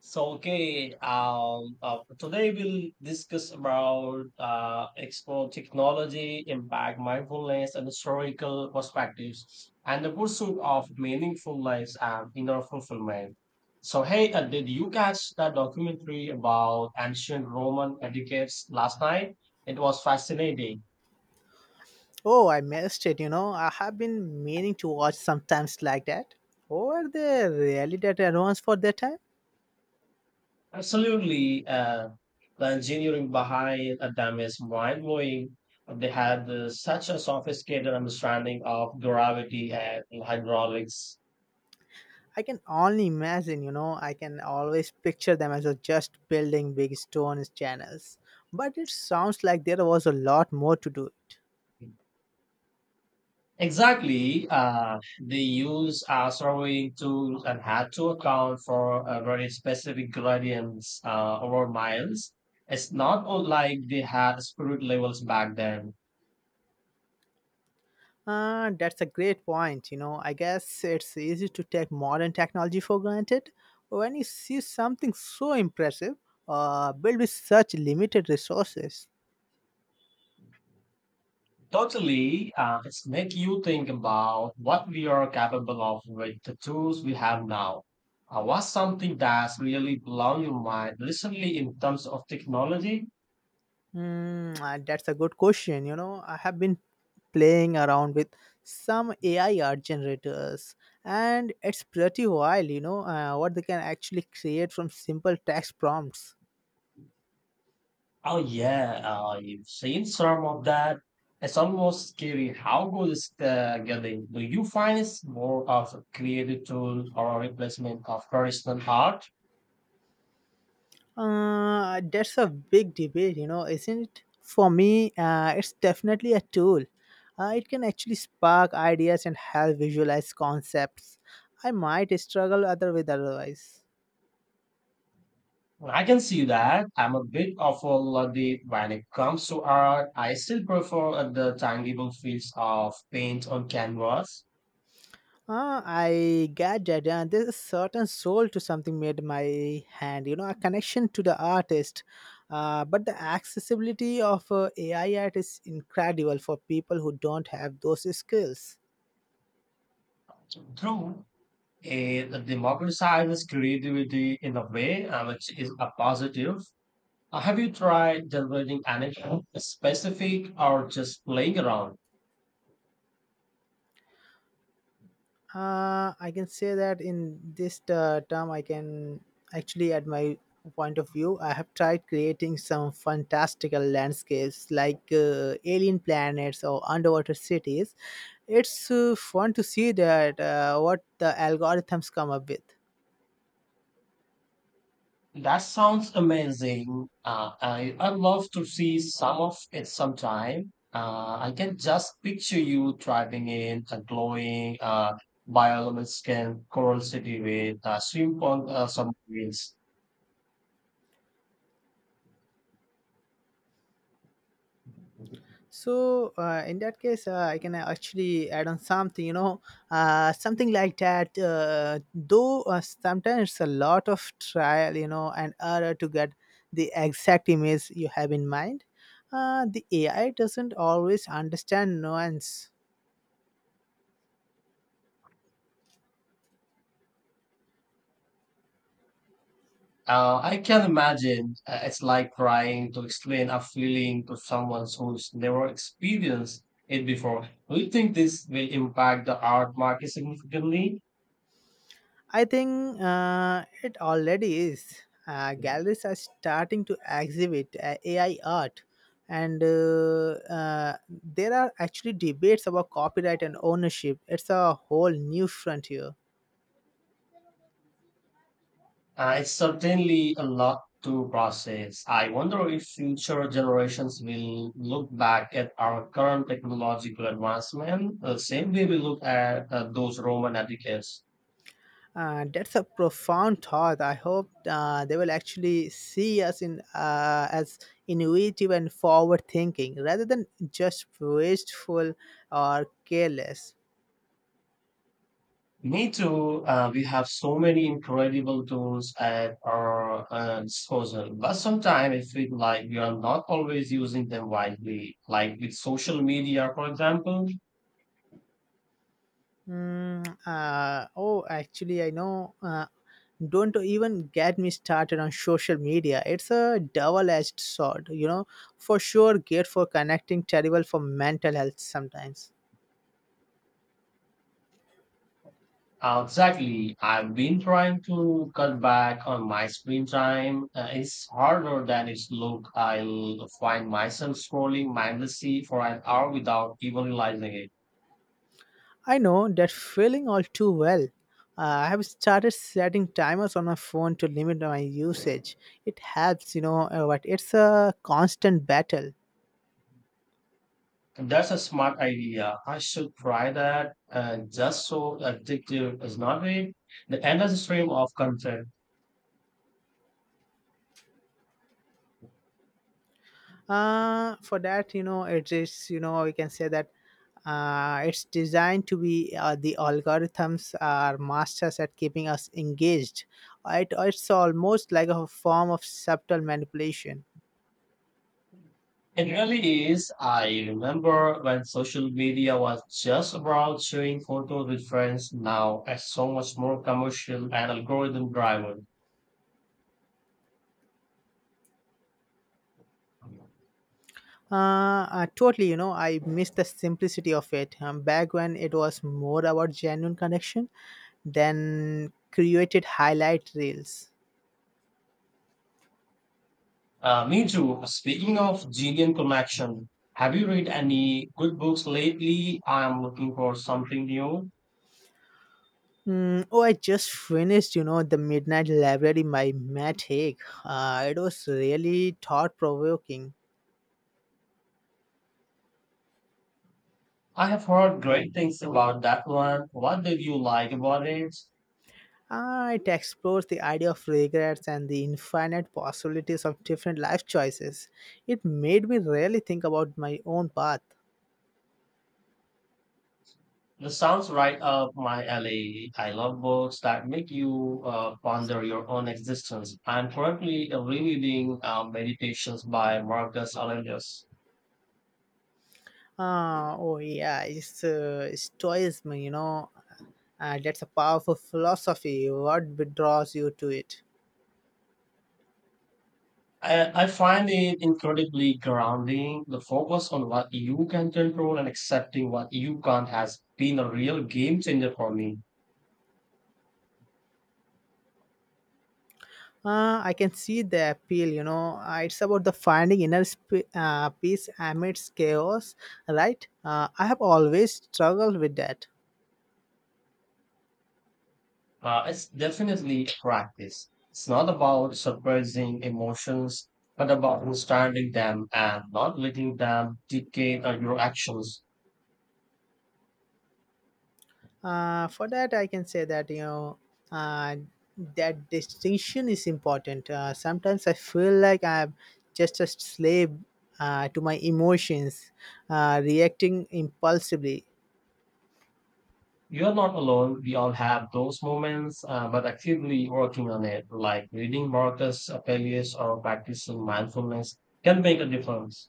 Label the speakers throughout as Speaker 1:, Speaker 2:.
Speaker 1: Today we'll discuss about explore technology, impact, mindfulness, and historical perspectives, and the pursuit of meaningful lives and inner fulfillment. So hey, did you catch that documentary about ancient Roman etiquettes last night? It was fascinating.
Speaker 2: Oh, I missed it. I have been meaning to watch sometimes like that. Over the really that advanced for that time?
Speaker 1: Absolutely. The engineering behind a dam is mind blowing. They had such a sophisticated understanding of gravity and hydraulics.
Speaker 2: I can only imagine, you know, I can always picture them as a just building big stone channels. But it sounds like there was a lot more to do it.
Speaker 1: Exactly. They use surveying tools and had to account for very specific gradients over miles. It's not all like they had spirit levels back then.
Speaker 2: That's a great point. I guess it's easy to take modern technology for granted. When you see something so impressive, built with such limited resources.
Speaker 1: Totally, it's make you think about what we are capable of with the tools we have now. What's something that's really blown your mind recently in terms of technology?
Speaker 2: That's a good question. You know, I have been playing around with some AI art generators, and it's pretty wild, what they can actually create from simple text prompts.
Speaker 1: Oh yeah, you've seen some of that. It's almost scary how good it's getting. Do you find it's more of a creative tool or a replacement of traditional art?
Speaker 2: That's a big debate, you know, isn't it? For me, it's definitely a tool. It can actually spark ideas and help visualize concepts. I might struggle other with otherwise.
Speaker 1: Well, I can see that. I'm a bit of a luddite when it comes to art. I still prefer the tangible feels of paint on canvas.
Speaker 2: Ah, I get that. Yeah, and there's a certain soul to something made my hand, you know, a connection to the artist. But the accessibility of AI art is incredible for people who don't have those skills.
Speaker 1: Through it democratizes creativity in a way, which is a positive. Have you tried generating anything specific or just playing around?
Speaker 2: I can say that in this term, I can actually, at my point of view, I have tried creating some fantastical landscapes like alien planets or underwater cities. It's fun to see that what the algorithms come up with.
Speaker 1: That sounds amazing. I'd love to see some of it sometime. I can just picture you driving in a glowing bioluminescent coral city with simple submarines.
Speaker 2: So in that case, I can actually add on something, something like that, though sometimes it's a lot of trial, you know, and error to get the exact image you have in mind. The AI doesn't always understand nuance.
Speaker 1: I can imagine it's like trying to explain a feeling to someone who's never experienced it before. Do you think this will impact the art market significantly?
Speaker 2: I think it already is. Galleries are starting to exhibit AI art, and there are actually debates about copyright and ownership. It's a whole new frontier.
Speaker 1: It's certainly a lot to process. I wonder if future generations will look back at our current technological advancement the same way we look at those Roman advocates.
Speaker 2: That's a profound thought. I hope they will actually see us in as innovative and forward-thinking, rather than just wasteful or careless.
Speaker 1: Me too. We have so many incredible tools at our disposal, but sometimes it feels like we are not always using them widely, like with social media, for example.
Speaker 2: Oh, actually, I know. Don't even get me started on social media. It's a double-edged sword, you know. For sure, great for connecting, terrible for mental health sometimes.
Speaker 1: Exactly. I've been trying to cut back on my screen time. It's harder than it's look. I'll find myself scrolling mindlessly for an hour without even realizing it.
Speaker 2: I know that feeling all too well. I have started setting timers on my phone to limit my usage. It helps, but it's a constant battle.
Speaker 1: That's a smart idea. I should try that. Just so addictive is not it? The endless stream of content.
Speaker 2: For that, you know, it is, you know, we can say that it's designed to be, the algorithms are masters at keeping us engaged. It's almost like a form of subtle manipulation.
Speaker 1: It really is. I remember when social media was just about sharing photos with friends. Now it's so much more commercial and algorithm driven.
Speaker 2: Totally, you know, I miss the simplicity of it. Back when it was more about genuine connection than created highlight reels.
Speaker 1: Me too. Speaking of Gillian Connection, have you read any good books lately? I am looking for something new.
Speaker 2: Oh, I just finished, you know, The Midnight Library by Matt Haig. It was really thought provoking.
Speaker 1: I have heard great things about that one. What did you like about it?
Speaker 2: It explores the idea of regrets and the infinite possibilities of different life choices. It made me really think about my own path.
Speaker 1: This sounds right up my alley. I love books that make you ponder your own existence. I'm currently rereading Meditations by Marcus Aurelius.
Speaker 2: Oh, yeah, it's stoicism, that's a powerful philosophy. What draws you to it?
Speaker 1: I find it incredibly grounding. The focus on what you can control and accepting what you can't has been a real game changer for me.
Speaker 2: I can see the appeal, you know. It's about the finding inner peace amidst chaos, right? I have always struggled with that.
Speaker 1: It's definitely practice. It's not about suppressing emotions, but about understanding them and not letting them dictate your actions.
Speaker 2: For that, I can say that, uh, that distinction is important. Sometimes I feel like I'm just a slave to my emotions, reacting impulsively.
Speaker 1: You're not alone. We all have those moments, but actively working on it, like reading Marcus Aurelius or practicing mindfulness, can make a difference.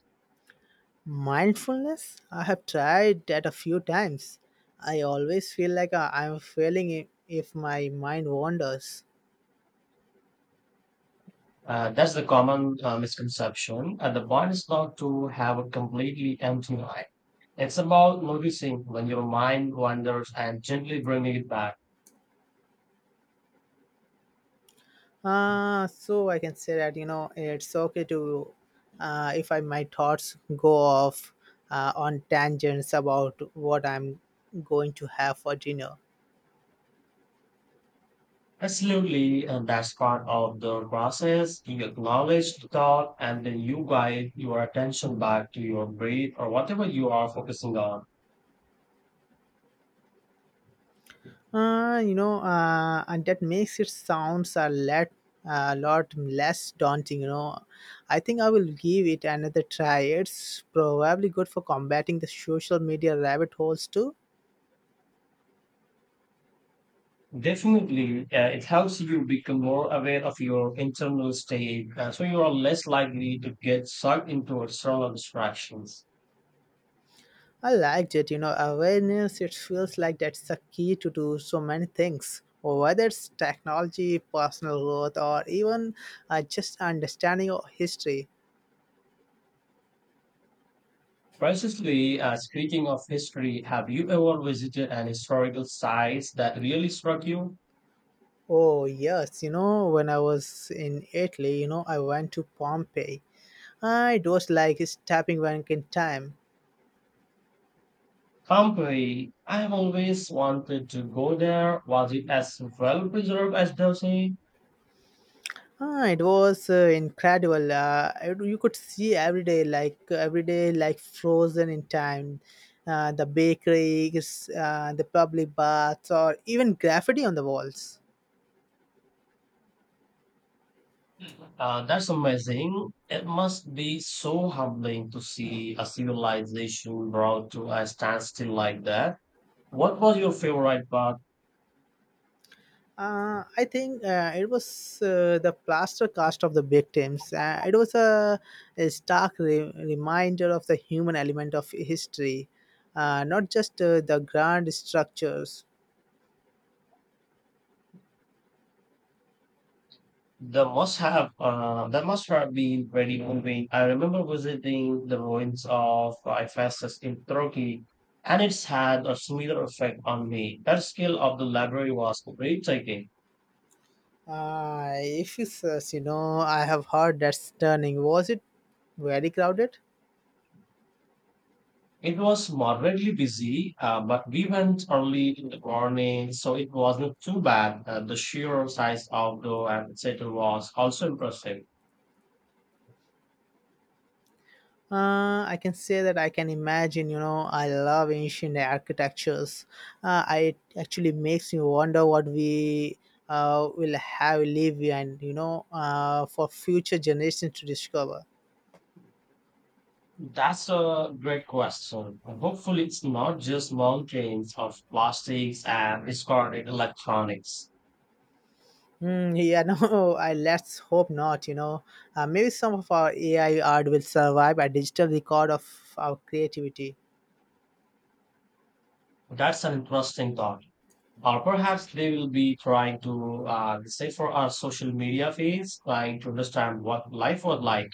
Speaker 2: Mindfulness? I have tried that a few times. I always feel like I'm failing if my mind wanders.
Speaker 1: That's the common misconception. The point is not to have a completely empty mind. It's about noticing when your mind wanders and gently bringing it back.
Speaker 2: So I can say that, you know, it's okay to, if my thoughts go off on tangents about what I'm going to have for dinner.
Speaker 1: Absolutely, and that's part of the process. You acknowledge the thought, and then you guide your attention back to your breath or whatever you are focusing on.
Speaker 2: And that makes it sounds a lot less daunting. You know, I think I will give it another try. It's probably good for combating the social media rabbit holes too.
Speaker 1: Definitely, it helps you become more aware of your internal state, so you are less likely to get sucked into external distractions.
Speaker 2: I liked it. You know, awareness. It feels like that's a key to do so many things. Whether it's technology, personal growth, or even just understanding your history.
Speaker 1: Precisely, speaking of history, have you ever visited an historical site that really struck you?
Speaker 2: Oh yes, you know, when I was in Italy, you know, I went to Pompeii. Ah, it was like stepping back in time.
Speaker 1: Pompeii, I have always wanted to go there. Was it as well preserved as they say?
Speaker 2: Ah, it was incredible. You could see every day, like frozen in time. The bakeries, the public baths, or even graffiti on the walls.
Speaker 1: That's amazing. It must be so humbling to see a civilization brought to a standstill like that. What was your favorite part?
Speaker 2: I think it was the plaster cast of the victims. It was a stark reminder of the human element of history, not just the grand structures.
Speaker 1: The must have That must have been very moving. I remember visiting the ruins of Ephesus in Turkey, and it's had a similar effect on me. That scale of the library was breathtaking.
Speaker 2: If it says, you know, I have heard that's turning. Was it very crowded?
Speaker 1: It was moderately busy, but we went early in the morning, so it wasn't too bad. The sheer size of the amphitheater was also impressive.
Speaker 2: I can say that I can imagine, you know, I love ancient architectures. It actually makes me wonder what we will have leave behind, for future generations to discover.
Speaker 1: That's a great question. Hopefully, it's not just mountains of plastics and discarded electronics.
Speaker 2: Yeah, no, I let's hope not, you know. Maybe some of our AI art will survive a digital record of our creativity.
Speaker 1: That's an interesting thought. Or perhaps they will be trying to say for our social media feeds, trying to understand what life was like.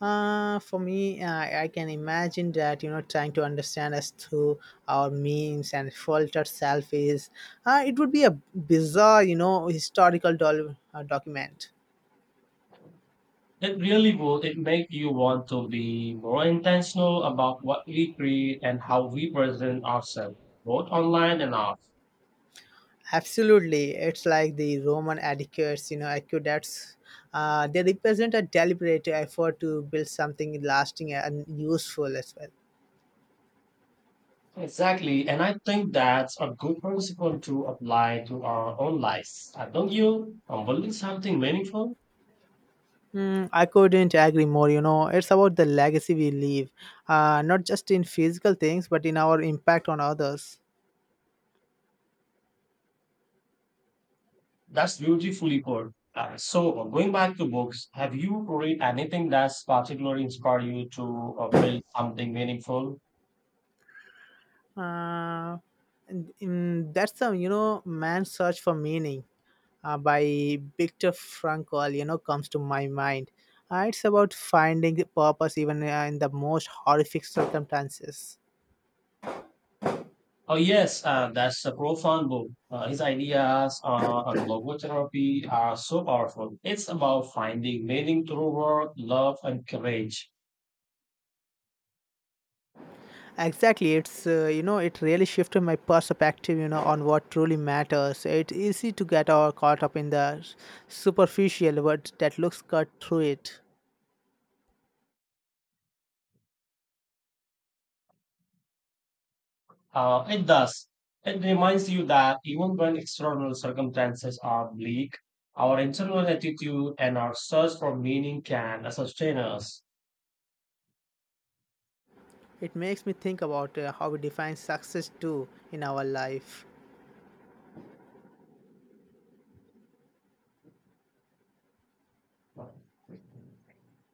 Speaker 2: For me, I can imagine that, you know, trying to understand us through our memes and filtered selfies. It would be a bizarre, you know, historical doll document.
Speaker 1: It really would. It make you want to be more intentional about what we create and how we present ourselves, both online and offline.
Speaker 2: Absolutely, it's like the Roman etiquettes, you know, aqueducts. They represent a deliberate effort to build something lasting and useful as well.
Speaker 1: Exactly. And I think that's a good principle to apply to our own lives. Don't you are building something meaningful.
Speaker 2: I couldn't agree more. You know, it's about the legacy we leave, not just in physical things, but in our impact on others.
Speaker 1: That's beautifully put. Going back to books, have you read anything that's particularly inspired you to build something meaningful?
Speaker 2: uh, that's the, you know, Man's Search for Meaning by Viktor Frankl, you know, comes to my mind. It's about finding purpose even in the most horrific circumstances.
Speaker 1: Oh, yes, that's a profound book. His ideas on logotherapy are so powerful. It's about finding meaning through work, love, and courage.
Speaker 2: Exactly, it's you know, it really shifted my perspective, you know, on what truly matters. It's easy to get all caught up in the superficial, but that looks cut through it.
Speaker 1: It does. It reminds you that even when external circumstances are bleak, our internal attitude and our search for meaning can sustain us.
Speaker 2: It makes me think about how we define success too in our life.